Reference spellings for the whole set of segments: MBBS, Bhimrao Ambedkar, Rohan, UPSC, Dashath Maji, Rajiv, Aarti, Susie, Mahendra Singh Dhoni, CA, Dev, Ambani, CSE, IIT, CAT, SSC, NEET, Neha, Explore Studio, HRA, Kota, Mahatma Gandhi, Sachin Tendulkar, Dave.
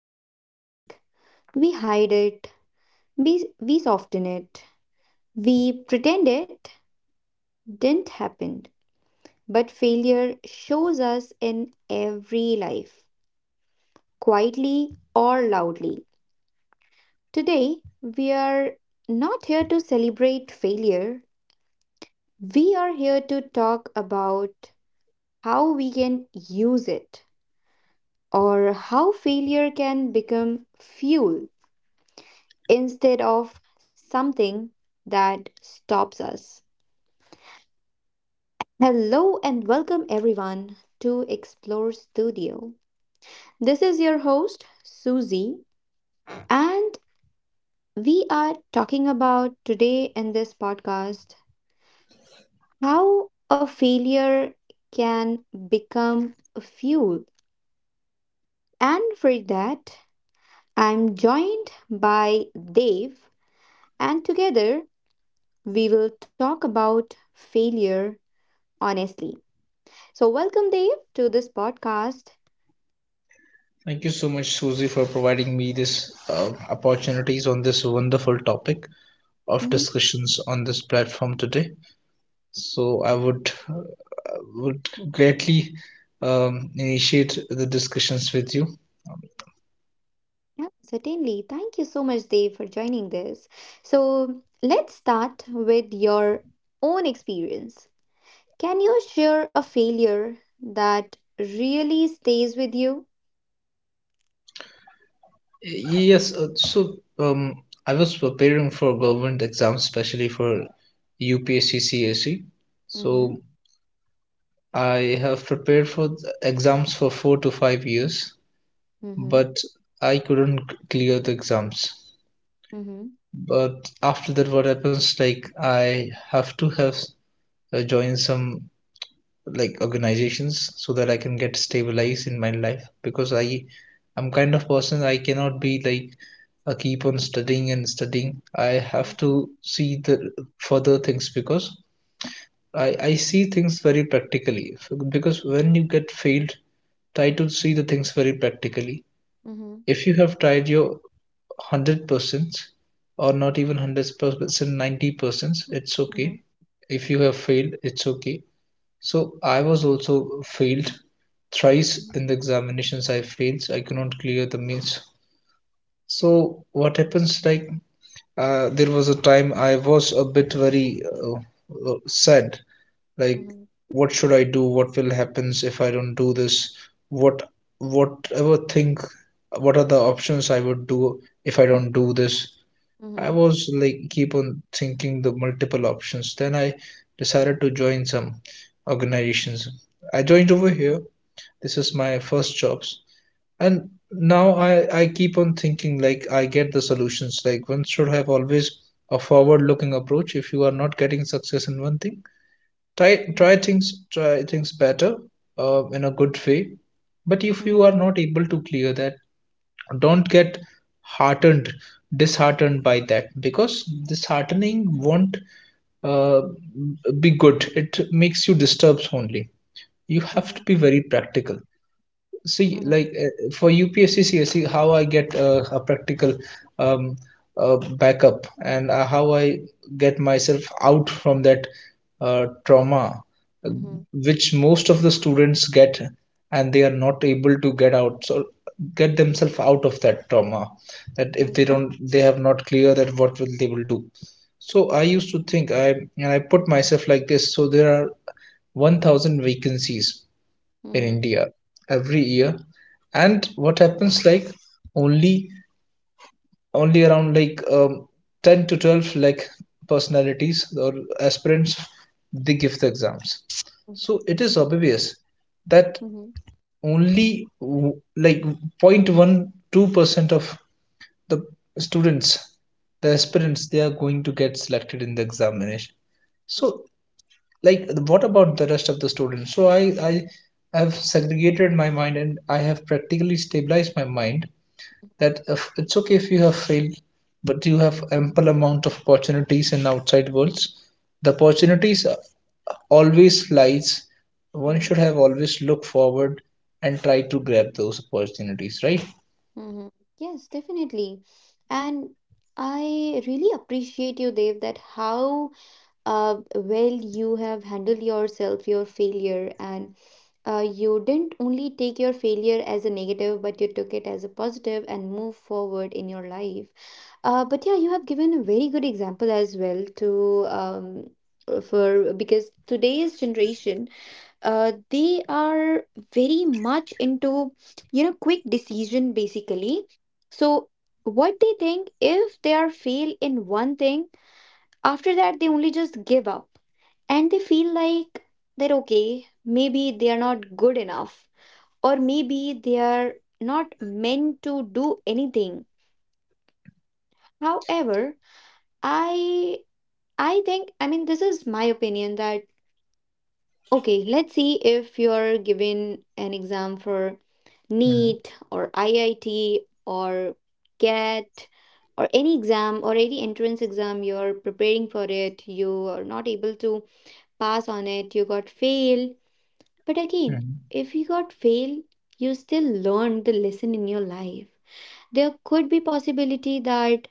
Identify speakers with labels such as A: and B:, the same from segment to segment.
A: don't like. We hide it, we soften it, we pretend it didn't happen. But failure shows us in every life, quietly or loudly. Today, we are not here to celebrate failure, we are here to talk about how we can use it, or how failure can become fuel instead of something that stops us. Hello and welcome everyone to Explore Studio. This is your host, Susie, and we are talking about today in this podcast how a failure can become a fuel. And for that, I'm joined by Dave, and together we will talk about failure honestly. So, welcome, Dave, to this podcast.
B: Thank you so much, Susie, for providing me this opportunities on this wonderful topic of
A: Mhm.
B: discussions on this platform today. So I would greatly initiate the discussions with you.
A: Yeah, certainly. Thank you so much, Dave, for joining this. So, let's start with your own experience. Can you share a failure that really stays with you?
B: Yes, I was preparing for government exams, especially for UPSC, CSE.
A: Mm-hmm.
B: So I have prepared for the exams for 4 to 5 years,
A: Mm-hmm.
B: but I couldn't clear the exams.
A: Mm-hmm.
B: But after that, what happens? Like, I have to have join some like organizations so that I can get stabilized in my life because I'm kind of person I cannot be like I keep on studying and studying. I have to see the further things because I see things very practically. Because when you get failed, try to see the things very practically.
A: Mm-hmm.
B: If you have tried your 100% or not even 100%, 90%. It's
A: Mm-hmm. Mm-hmm.
B: okay if you have failed. It's okay. So I was also failed thrice in the examinations. I failed. So I could not clear the means. So what happens? Like there was a time I was a bit very sad. Like what should I do? What will happens if I don't do this? What whatever think? What are the options I would do if I don't do this?
A: Mm-hmm.
B: I
A: Mm-hmm.
B: was like keep on thinking the multiple options. Then I decided to join some organizations. I joined over here. This is my first jobs. And now I keep on thinking like I get the solutions. Like one should have always a forward looking approach. If you are not getting success in one thing, try things better in a good way. But if
A: Mm-hmm.
B: you are
A: Mm-hmm.
B: not able to clear that, don't get heartened disheartened by that because disheartening won't uh, be good, it makes you disturbed only. You have to
A: Mm-hmm.
B: be very practical. See,
A: Hmm.
B: like for UPSC, see how I get a practical um, backup and how I get myself out from that trauma, uh,
A: Hmm.
B: which most of the students get, and they are not able to get out. So get themselves out of that trauma. That if they don't, they have not clear that what will they will do. So I used to think I put myself like this. So there are 1,000 vacancies in India every year. And what happens like only only around like 10 to 12 like personalities or aspirants they give the exams. So it is obvious that only like 0.12% of the students, the
A: Hmm.
B: aspirants, they are going to get selected in the examination.
A: Hmm.
B: So like what about the rest of the students? So I have segregated my mind and I have practically stabilized my mind that, if, it's okay if you have failed, but you have ample amount of opportunities in outside worlds. The opportunities always lies. One
A: Hmm.
B: should have always look forward and try to grab those opportunities, right?
A: Mm-hmm. Yes, definitely. And I really appreciate you, Dev, that how well you have handled yourself, your failure, and you didn't only take your failure as a negative, but you took it as a positive and move forward in your life. But yeah, you have given a very good example as well to for because today's generation they are very much into, you know, quick decision basically. So what they think if they are fail in one thing, after that they only just give up and they feel like that okay, maybe they are not good enough or maybe they are not meant to do anything. However, i I think, I mean, this is my opinion that okay, let's see if you're given an exam for
B: Mhm,
A: NEET or IIT or CAT or any exam or any entrance exam, you're preparing for it, you are not able to pass on it, you got fail. But again,
B: mhm.
A: if you got fail, you still learned the lesson in your life. There could be possibility that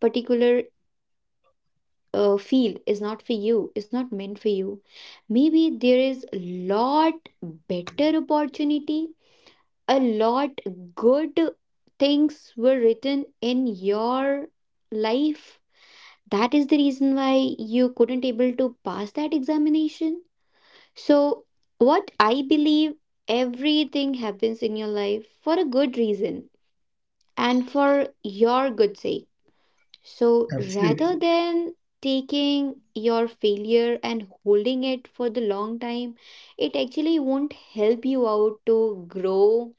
A: particular field is not for you, is not meant for you. Maybe there is a lot better opportunity, a lot good things were written in your life. That is the reason why you couldn't able to pass that examination. So what I believe, everything happens in your life for a good reason and for your good sake. So rather
B: Absolutely.
A: than taking your failure and holding it for the long time, it actually won't help you out to grow,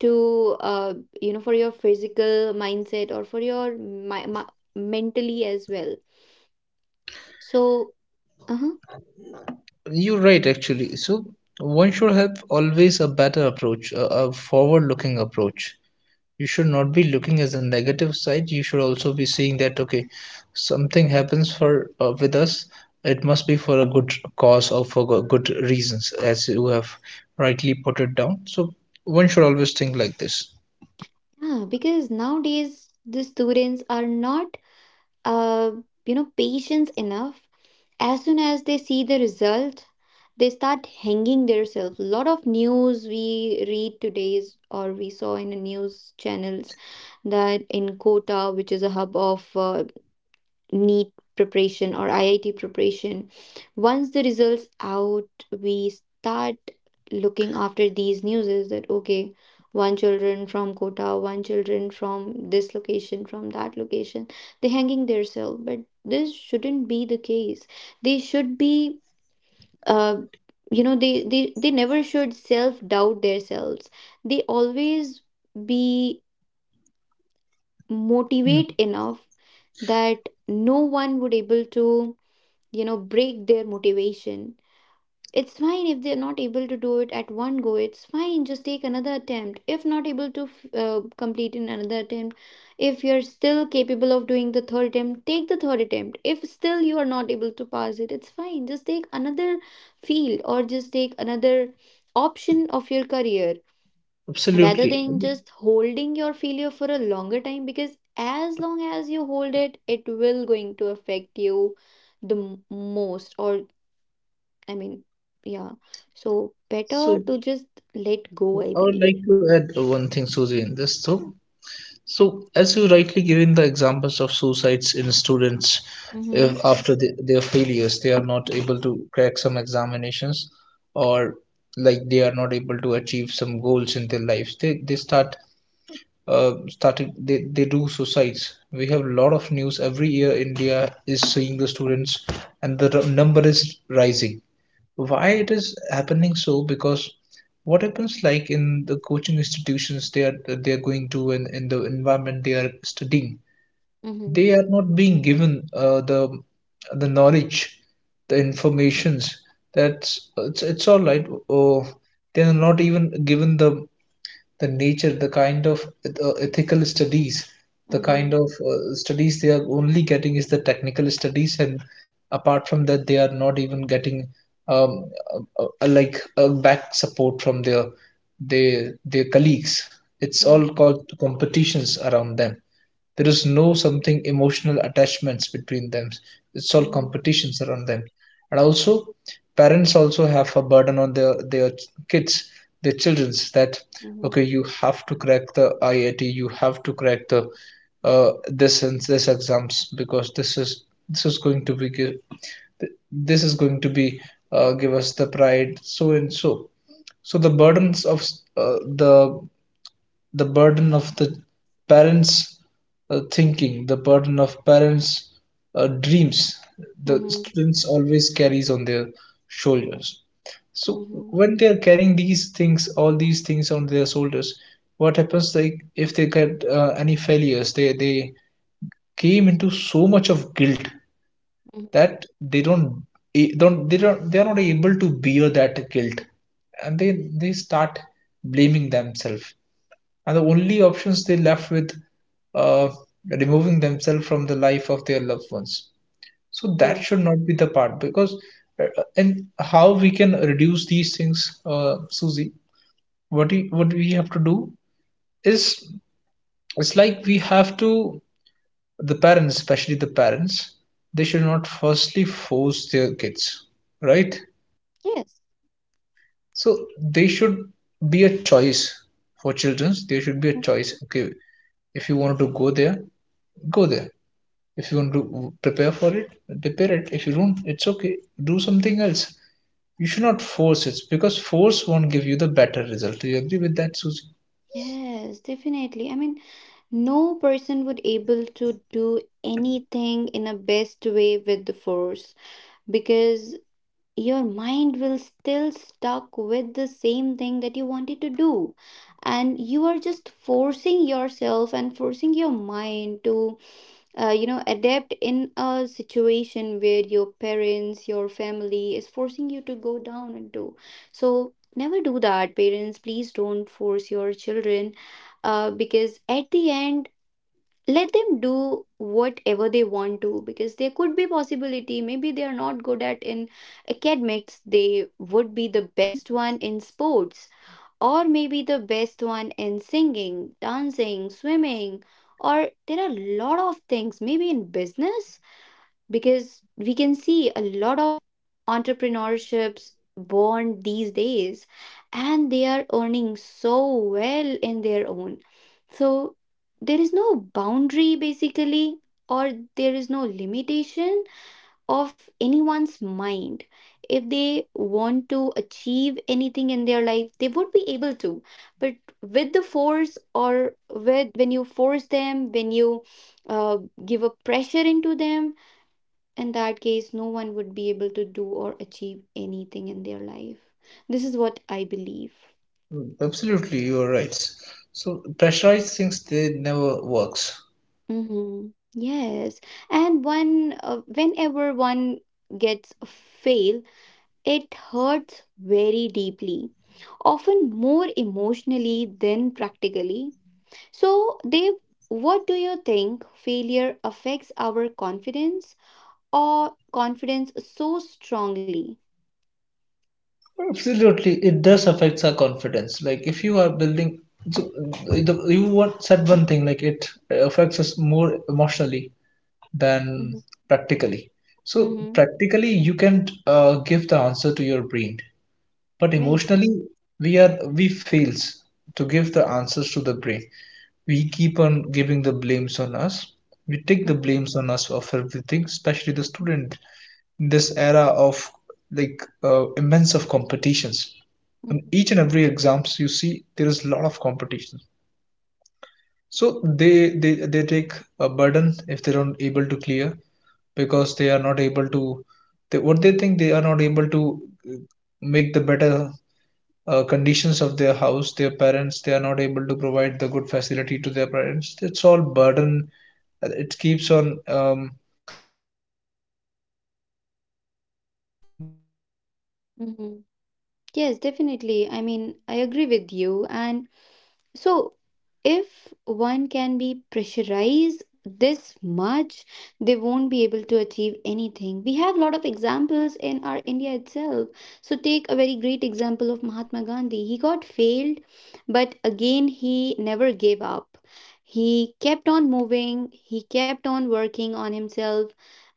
A: to you know, for your physical mindset or for your mentally as well. So uh-huh,
B: You're right, actually. So one should have always a better approach, a forward-looking approach. You should not be looking as a negative side, you should also be seeing that okay, something happens for with us, it must be for a good cause or for good reasons as you have rightly put it down. So one should always think like this.
A: yeah, because nowadays the students are not uh, you know, patience enough. As soon as they see the result, they start hanging themselves. A lot of news we read today's or we saw in the news channels that in Kota, which is a hub of NEET preparation or IIT preparation. Once the results out, we start looking after these news, is that okay, one children from Kota, one children from this location, from that location. They hanging themselves, but this shouldn't be the case. They should be uh you know, they never should self doubt themselves. They always be
B: Mm,
A: motivate enough that no one would able to, you know, break their motivation. It's fine if they're not able to do it at one go, it's fine, just take another attempt. If not able to complete in another attempt, if you're still capable of doing the third attempt, take the third attempt. If still you are not able to pass it, it's fine, just take another field or just take another option of your career rather
B: absolutely.
A: than just holding your failure for a longer time, because as long as you hold it, it will going to affect you the most. Or I mean, yeah. So better
B: So
A: to just let go, I
B: I would
A: believe.
B: like to add one thing, Susie, in this. So, as you rightly given the examples of suicides in students,
A: Mm-hmm.
B: if after the, their failures, they are not able to crack some examinations or like they are not able to achieve some goals in their lives, they start they do suicides. We have a lot of news every year. India is seeing the students, and the number is rising. Why it is happening so? Because what happens like in the coaching institutions they are going to, and in the environment they are studying,
A: Mm-hmm.
B: they are not being given the knowledge, the informations, that's it's all right. They are not even given the nature, the kind of ethical studies, the
A: Mm-hmm.
B: kind of studies they are only getting is the technical studies, and apart from that, they are not even getting um, a, like a back support from their colleagues. It's all
A: Mm-hmm.
B: called competitions around them. There is no something emotional attachments between them. It's all
A: Mm-hmm.
B: competitions around them. And also, parents also have a burden on their kids, their childrens that
A: Mm-hmm.
B: okay, you have to crack the IIT, you have to crack the this and this exams because this is going to be give, this is going to be give us the pride so and so. So the burdens of uh, the the burden of the parents' thinking, the burden of parents' dreams, the
A: Mm-hmm.
B: students always carries on their shoulders. So
A: Mm-hmm.
B: when they are carrying these things, all these things on their shoulders, what happens? Like if they get any failures, they came into so much of guilt
A: Mm-hmm.
B: that they don't, they are not able to bear that guilt, and they start blaming themselves, and the only options they left with uh, removing themselves from the life of their loved ones. So
A: Hmm.
B: that should not be the part. Because and how we can reduce these things, Susie? What we have to do is, it's like we have to, the parents, especially the parents, they should not firstly force their kids, right?
A: Yes.
B: So they should be a choice for children, there should be a
A: Hmm.
B: choice. Okay, if you want to go there, go there. If you want to prepare for it, prepare it. If you don't, it's okay, do something else. You should not force it because force won't give you the better result. Do you agree with that, Susie?
A: Yes, definitely. I mean, no person would able to do anything in a best way with the force, because your mind will still stuck with the same thing that you wanted to do, and you are just forcing yourself and forcing your mind to you know, adapt in a situation where your parents, your family is forcing you to go down and do. So never do that. Parents, please don't force your children, because at the end, let them do whatever they want to, because there could be possibility maybe they are not good at in academics, they would be the best one in sports, or maybe the best one in singing, dancing, swimming, or there are a lot of things maybe in business, because we can see a lot of entrepreneurships born these days, and they are earning so well in their own. So there is no boundary basically, or there is no limitation of anyone's mind. If they want to achieve anything in their life, they would be able to. But with the force, or with when you force them, when you uh, give a pressure into them, in that case no one would be able to do or achieve anything in their life. This is what I believe.
B: Mm, absolutely, you are right. So pressurized things they never works.
A: Mm-hmm. Yes. And one, whenever one gets a fail, it hurts very deeply, often more emotionally than practically. So Dev, what do you think failure affects our confidence, or confidence so strongly?
B: Absolutely it does affect our confidence. Like if you are building, you want said one thing like it affects us more emotionally than
A: Mm-hmm.
B: practically. So
A: Mm-hmm.
B: practically you can give the answer to your brain, but
A: Right.
B: emotionally we are, we fails to give the answers to the brain. We keep on giving the blames on us, we take the blames on us of everything, especially the
A: Mm-hmm.
B: student in this era of like immense of competitions. In
A: Mm-hmm.
B: each and every exams you see there is a lot of competition. So they they take a burden if they don't able to clear, because they are not able to, they, what they think they are not able to uh, make the better conditions of their house, their parents, they are not able to provide the good facility to their parents. It's all burden. It keeps on weighing their shoulders. This is how they are not
A: Mm-hmm.
B: able to
A: Yes,
B: like
A: definitely. I mean, I agree with
B: breathe
A: you. And
B: properly, right?
A: so, if one can be pressurized this much, they won't be able to achieve anything. We have a lot of examples in our India itself. So, take a very great example of Mahatma Gandhi. He got failed, but again, he never gave up. He kept on moving, he kept on working on himself,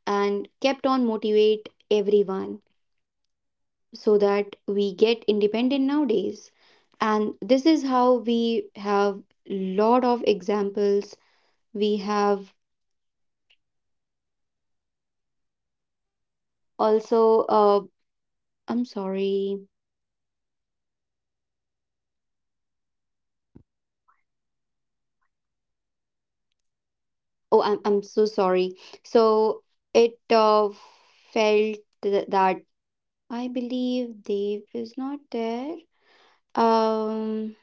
A: and kept on motivate everyone so that we get independent nowadays, and this is how we have lot of examples. We have also I'm sorry. Oh, I'm so sorry. So it felt that I believe Dave is not there. Um,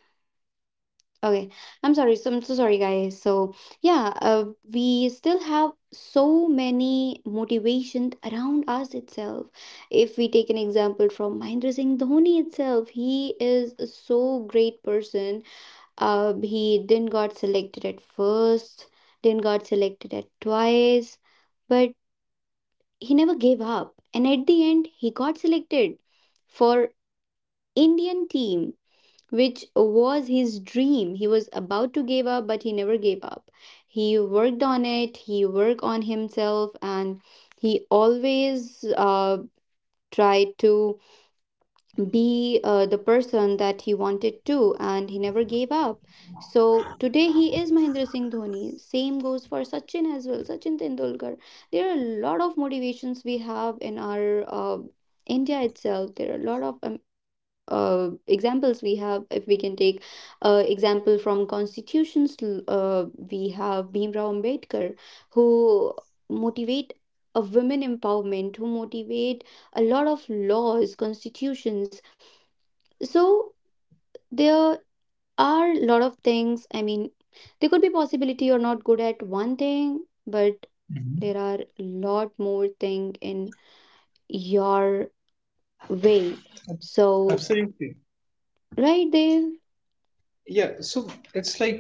A: okay, I'm sorry. So I'm so sorry, guys. So yeah, we still have so many motivations around us itself. If we take an example from Mahendra Singh Dhoni itself, he is a so great person. He didn't got selected at first, didn't got selected at twice, but he never gave up. And at the end, he got selected for Indian team, which was his dream. He was about to give up, but he never gave up. He worked on it, he worked on himself, and he always tried to be the person that he wanted to, and he never gave up. So today he is Mahendra Singh Dhoni. Same goes for Sachin as well, Sachin Tendulkar. There are a lot of motivations we have in our India itself. There are a lot of examples we have. If we can take example from constitutions, we have Bhimrao Ambedkar, who motivate a women empowerment, who motivate a lot of laws, constitutions. So there are a lot of things, I mean, there could be possibility you're not good at one thing, but
B: Mhm.
A: there are lot more thing in your way. So
B: Absolutely.
A: right there,
B: Yeah, so it's like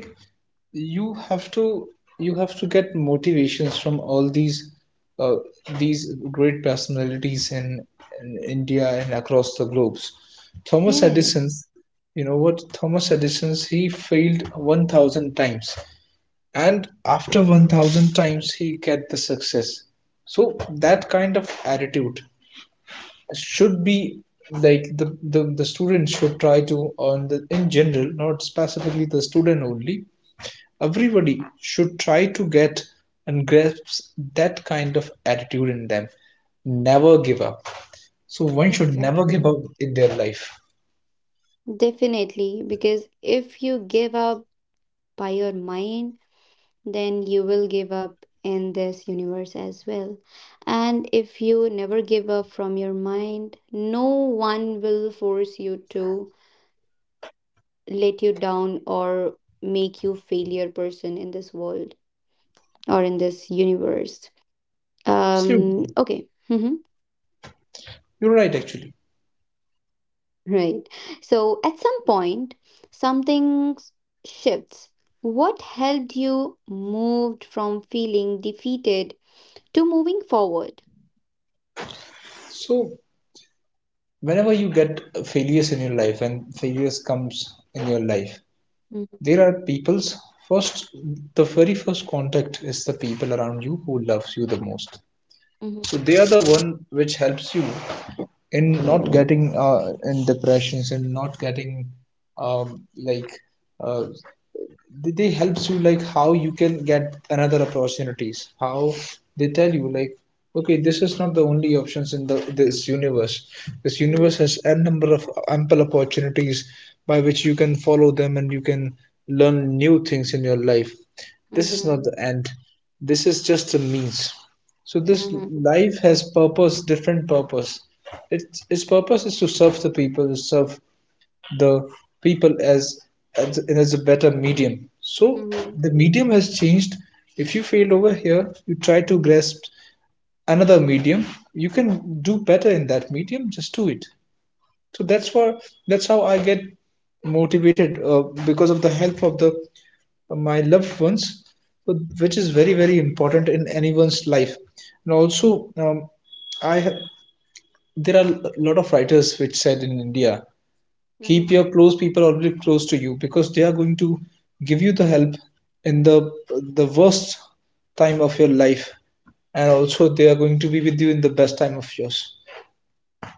B: you have to, you have to get motivations from all uh, these great personalities in India and across the globes. Thomas Edison,
A: yes.
B: you know what? Thomas Edison, he failed 1,000 times, and after 1,000 times he get the success. So that kind of attitude should be like the, student should try to, on the in general, not specifically the student only, everybody should try to get and grasp that kind of attitude in them. Never give up. So one should never give
A: Exactly.
B: up in their life.
A: Definitely. Because if you give up by your mind, then you will give up in this universe as well. And if you never give up from your mind, no one will force you to let you down or make you failure person in this world or in this universe.
B: Absolutely,
A: Okay.
B: you're right, actually.
A: Right. So at some point, something shifts. What helped you moved from feeling defeated to moving forward?
B: So whenever you get failures in your life, and failures comes in your life,
A: Mm-hmm.
B: there are people's first, the very first contact is the people around you who loves you the most.
A: Mm-hmm.
B: So they are the one which helps you in not getting in depressions and not getting um, like uh, they helps you like how you can get another opportunities, how they tell you like okay, this is not the only options in the this universe, this
A: Mm-hmm.
B: universe has a number of ample opportunities by which you can follow them, and you can learn new things in your life. This is not
A: Mm-hmm.
B: the end, this is just a means. So this
A: Mm-hmm.
B: life has purpose, different purpose. Its purpose is to serve the people, to serve the people as as a better medium. So the medium has changed. If you failed over here, you try to grasp another medium. You can do better in that medium, just do it. So that's why, that's how I get motivated, because of the help of the my loved ones, which is very very important in anyone's life. And also, um, I have there are a lot of writers which said in India,
A: Mm-hmm.
B: keep your close people always close to you because they are going to give you the help in the worst time of your life. And also they are going to be with you in the best time of yours,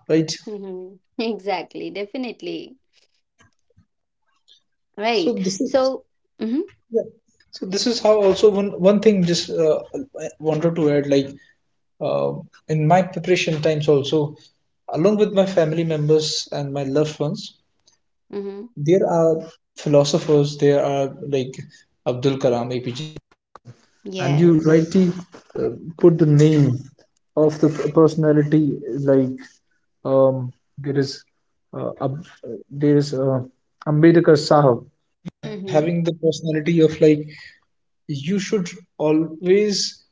B: right?
A: Mm-hmm. Exactly, definitely.
B: So
A: Right.
B: this is,
A: So, mm-hmm,
B: yeah. So this is how, also, one thing, just I wanted to add, like, uh, in my preparation times also, along with my family members and my loved ones,
A: mm-hmm,
B: there are philosophers, there are, like, Abdul.
A: yes. Mm-hmm.
B: You should always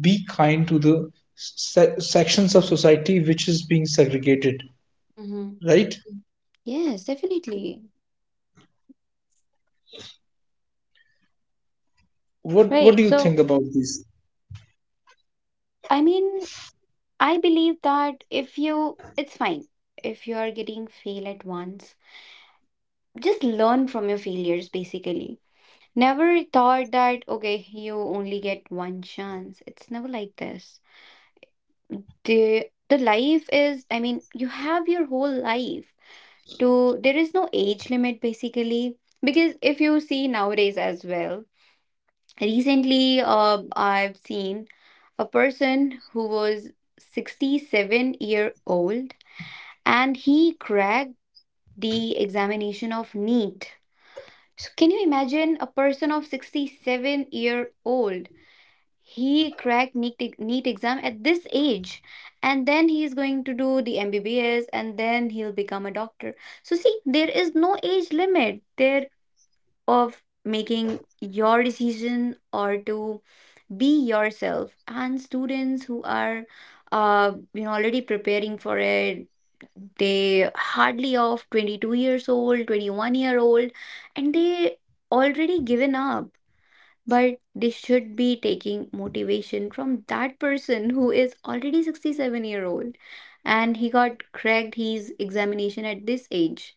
B: be kind to the sections of society which is being segregated,
A: Mm-hmm.
B: right?
A: Yes, definitely.
B: What do
A: Right.
B: you
A: So,
B: think about this?
A: I mean, I believe that if you, it's fine if you are getting fail at once. Just learn from your failures, basically. Never thought that, okay, you only get one chance. It's never like this. The life is, I mean, you have your whole life to, there is no age limit, basically. Because if you see nowadays as well, recently I've seen a person who was 67-year-old year old and he cracked the examination of NEET. So can you imagine a person of 67-year-old year old? He cracked NEET, NEET exam at this age, and then he is going to do the MBBS, and then he'll become a doctor. So see, there is no age limit there of making your decision or to be yourself. And students who are you know, already preparing for it, they hardly of 22 years old, 21-year old, and they already given up, but they should be taking motivation from that person who is already 67-year-old year old, and he got cracked his examination at this age.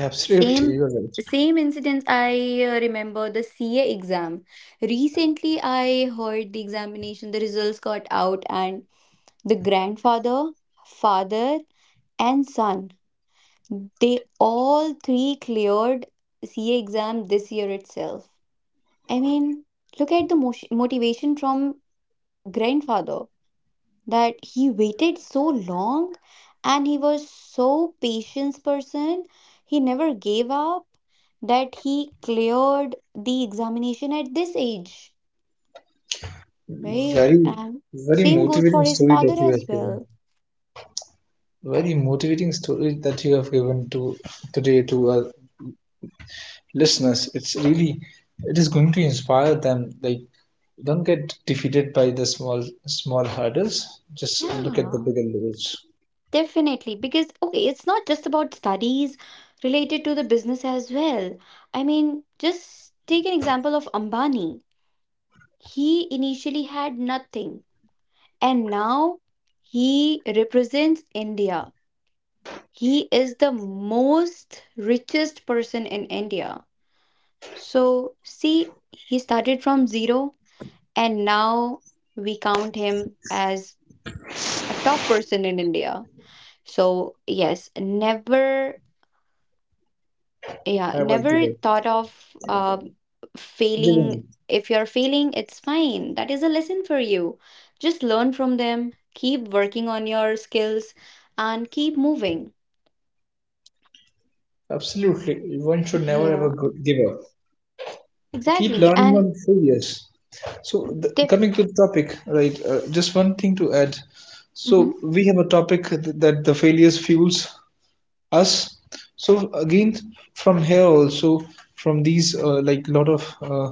B: Absolutely,
A: Same
B: you are right.
A: same incidents I remember the CA exam. Recently I heard the examination the results got out and the grandfather, father and son, they all three cleared CA exam this year itself. I mean, look at the motivation from grandfather, that he waited so long and he was so patient person, he never gave up, that he cleared the examination at this age, right.
B: Very,
A: And
B: very
A: same goes for
B: motivating
A: his
B: story
A: father
B: that you
A: as
B: have given.
A: well.
B: Very motivating story that you have given to today to our listeners. It's really, it is going to inspire them, like, don't get defeated by the small hurdles. Just look at the
A: Yeah,
B: bigger goals.
A: definitely, because okay, it's not just about studies, related to the business as well. I mean, just take an example of Ambani. He initially had nothing, and now he represents India. He is the most richest person in India. So, see, he started from zero, and now we count him as a top person in India. So, yes, never, yeah,
B: Have a good
A: never
B: day.
A: thought of
B: Giving up.
A: failing. If you're failing, it's fine. That is a lesson for you. Just learn from them, keep working on your skills, and keep moving.
B: Absolutely. One should never ever
A: Yeah,
B: give up. Keep
A: exactly.
B: learning
A: And
B: on failures. So, the,
A: def
B: coming to the topic, right? Just one thing to add.
A: mhm,
B: So, we have a topic that the failures fuels us. So again, from here also, from these like, lot of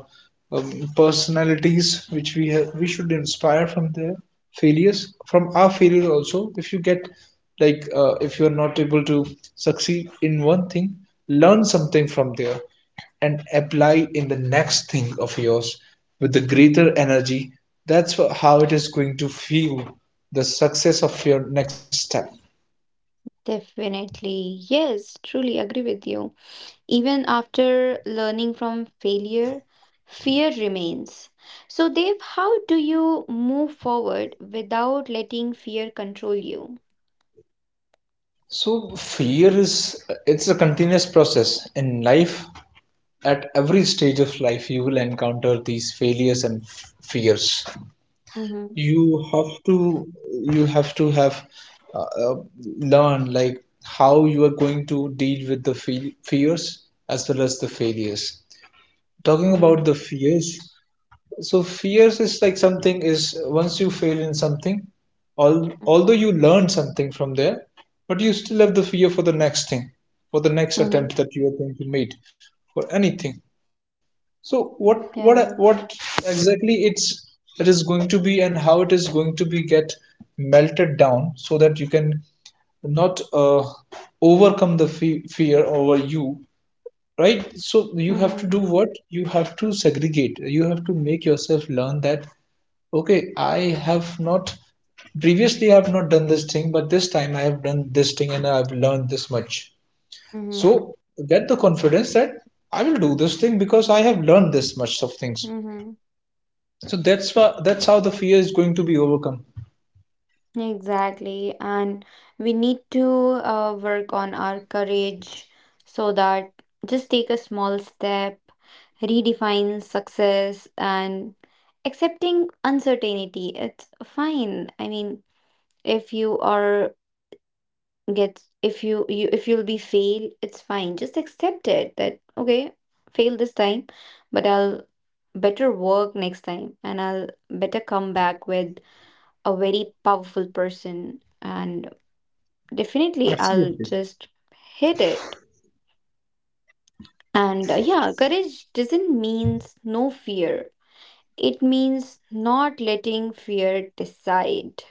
B: personalities which we have, we should inspire from their failures, from our failures also. If you get, like, if you're not able to succeed in one thing, learn something from there and apply in the next thing of yours with the greater energy. That's how it is going to feel the success of your next step.
A: definitely, yes, truly agree with you. Even after learning from failure, fear remains. So, Dev, how do you move forward without letting fear control you?
B: So fear is, it's a continuous process in life. At every stage of life, you will encounter these failures and fears.
A: Mm-hmm,
B: You have to you have to have uh, uh, learn, like, how you are going to deal with the fears as well as the failures. Talking
A: mm-hmm,
B: about the fears, so fears is like something is, once you fail in something, although you learn something from there, but you still have the fear for the next thing, for the next
A: mm-hmm.
B: attempt that you are going to meet, for anything. So what what
A: Yeah.
B: what exactly it's, it is going to be, and how it is going to be get melted down, so that you can not overcome the fear over you, right? So you have
A: Mm-hmm,
B: to do what, you have to segregate, you have to make yourself learn that, okay, I have not, previously I have not done this thing, but this time I have done this thing and I've learned this much.
A: mm-hmm,
B: So get the confidence that I will do this thing because I have learned this much of things.
A: mm-hmm.
B: So that's why, that's how the fear is going to be overcome.
A: Exactly. And we need to work on our courage, so that just take a small step, redefine success, and accepting uncertainty. It's fine. I mean, if you are get if you, you if you'll be fail, it's fine. Just accept it that okay, fail this time, but I'll better work next time and I'll better come back with a very powerful person. And definitely, I'll
B: Absolutely.
A: just hit it. And yeah, courage doesn't means no fear. It means not letting fear decide.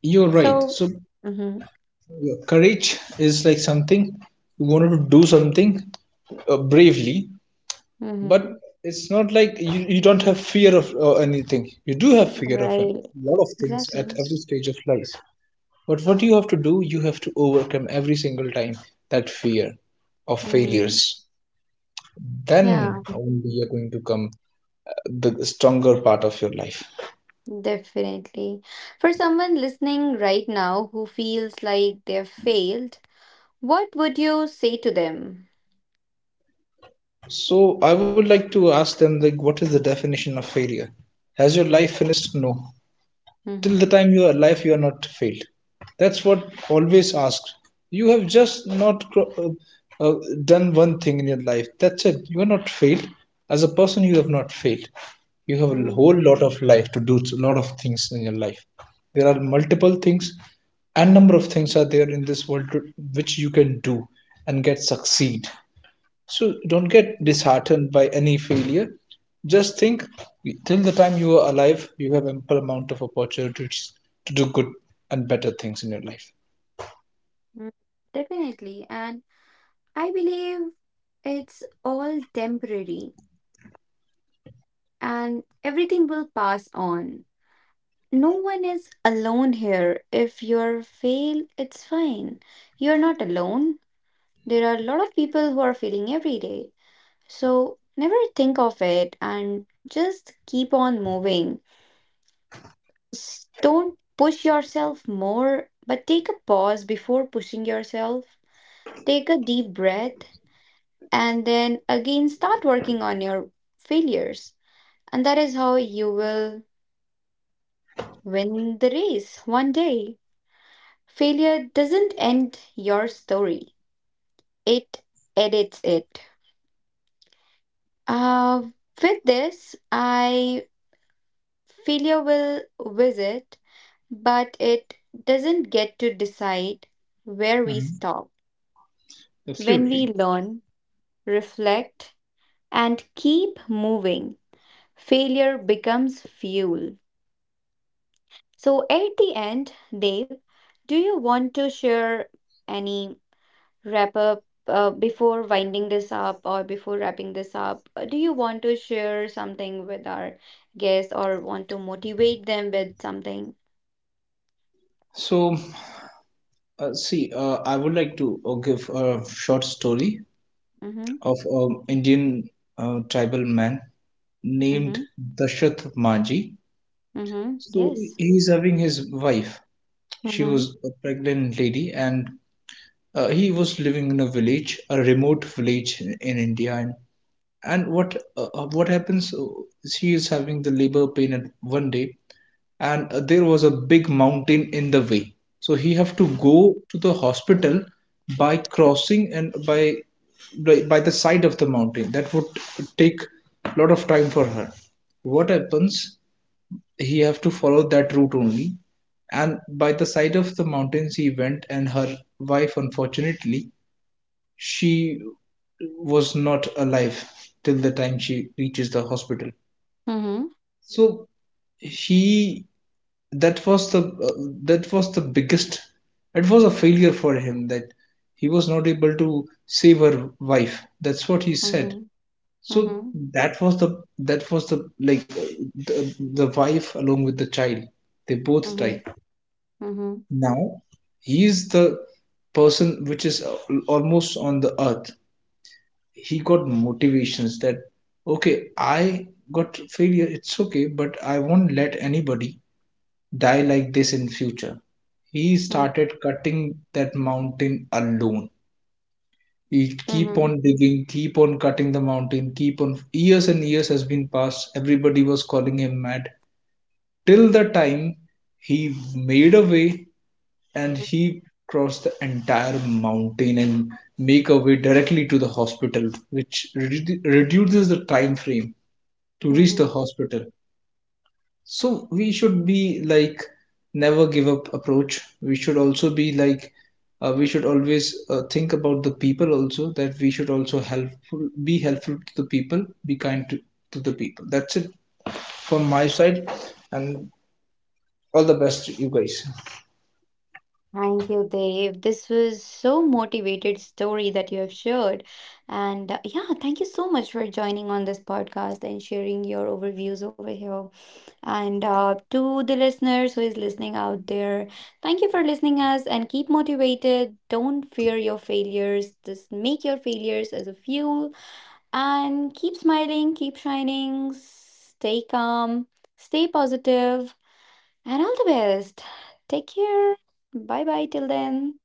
B: You're right.
A: So,
B: So
A: mm-hmm,
B: courage is like something, you want to do something bravely, but
A: mm-hmm,
B: it's not like you don't have fear of anything. You do have fear of a
A: right,
B: lot of things
A: exactly.
B: at every stage of life. But what you have to do, you have to overcome every single time that fear of
A: Mm-hmm.
B: failures.
A: Yeah,
B: Then only you're going to come the stronger part of your life.
A: definitely. For someone listening right now who feels like they've failed, what would you say to them?
B: So I would like to ask them, like, what is the definition of failure? Has your life finished? No. Till the
A: Mm-hmm,
B: time you are alive, you are not failed. That's what always asked. You have just not uh, uh, done one thing in your life, that's it. You are not failed. As a person, you have not failed. You have a
A: mm-hmm,
B: whole lot of life to do a lot of things in your life. There are multiple things and number of things are there in this world to, which you can do and get succeed. So
A: mm-hmm,
B: don't get
A: definitely.
B: disheartened by any failure. Just think, till the time you are alive, you have ample amount of opportunities to do good and better things in your life.
A: Mm. Definitely. And I believe it's all temporary and everything will pass on. No one is alone here. If you're fail, it's fine. You're not alone. There are a lot of people who are failing every day. So never think of it and just keep on moving. S- Don't push yourself more, but take a pause before pushing yourself. Take a deep breath and then again start working on your failures. And that is how you will win the race one day. Failure doesn't end your story, it edits it. Uh, with this, I failure will visit, but it doesn't get to decide where we
B: Mhm.
A: stop. When we
B: Absolutely.
A: learn, reflect, and keep moving, failure becomes fuel. So, at the end, Dave, do you want to share any wrap up, before winding this up or before wrapping this up, do you want to share something with our guests or want to motivate them with something?
B: So, see, I would like to give a short story
A: Mm-hmm.
B: of an Indian tribal man named
A: Mm-hmm.
B: Dashath Maji.
A: Mm-hmm,
B: So,
A: yes.
B: he's having his wife. She
A: Mm-hmm.
B: was a pregnant lady, and he was living in a village, a remote village in India, and what happens is, he is having the labor pain at one day, and there was a big mountain in the way, so he have to
A: Mm-hmm.
B: go to the hospital by crossing and by the side of the mountain. That would take a lot of time for her. What happens? He have to follow that route only, and by the side of the mountains he went, and her wife, unfortunately, she was not alive till the time she reaches the hospital. So he, that was the biggest, it was a failure for him that he was not able to save her wife, that's what he said.
A: Mm-hmm.
B: So
A: Mm-hmm.
B: that was the, that was the, like, the wife along with the child, they both
A: Mm-hmm.
B: died.
A: Mm-hmm.
B: Now, he is the person which is almost on the earth. He got motivations that, okay, I got failure, it's okay, but I won't let anybody die like this in future. He
A: Mm-hmm.
B: started cutting that mountain alone. He keep
A: Mm-hmm.
B: on digging, keep on cutting the mountain, keep on, years and years has been passed, everybody was calling him mad, till the time he made a way, and he crossed the entire mountain and make a way directly to the hospital which reduces the time frame to reach
A: Hmm.
B: the hospital. So we should be like never give up approach. We should also be like, we should always think about the people also, that we should also helpful, be helpful to the people, be kind to the people. That's it from my side, and all the best to you guys.
A: Thank you, Dave. This was so motivated story that you have shared. And yeah, thank you so much for joining on this podcast and sharing your overviews over here. And to the listeners who is listening out there, thank you for listening us and keep motivated. Don't fear your failures. Just make your failures as a fuel and keep smiling, keep shining, stay calm, stay positive, and all the best. Take care. Bye bye till then.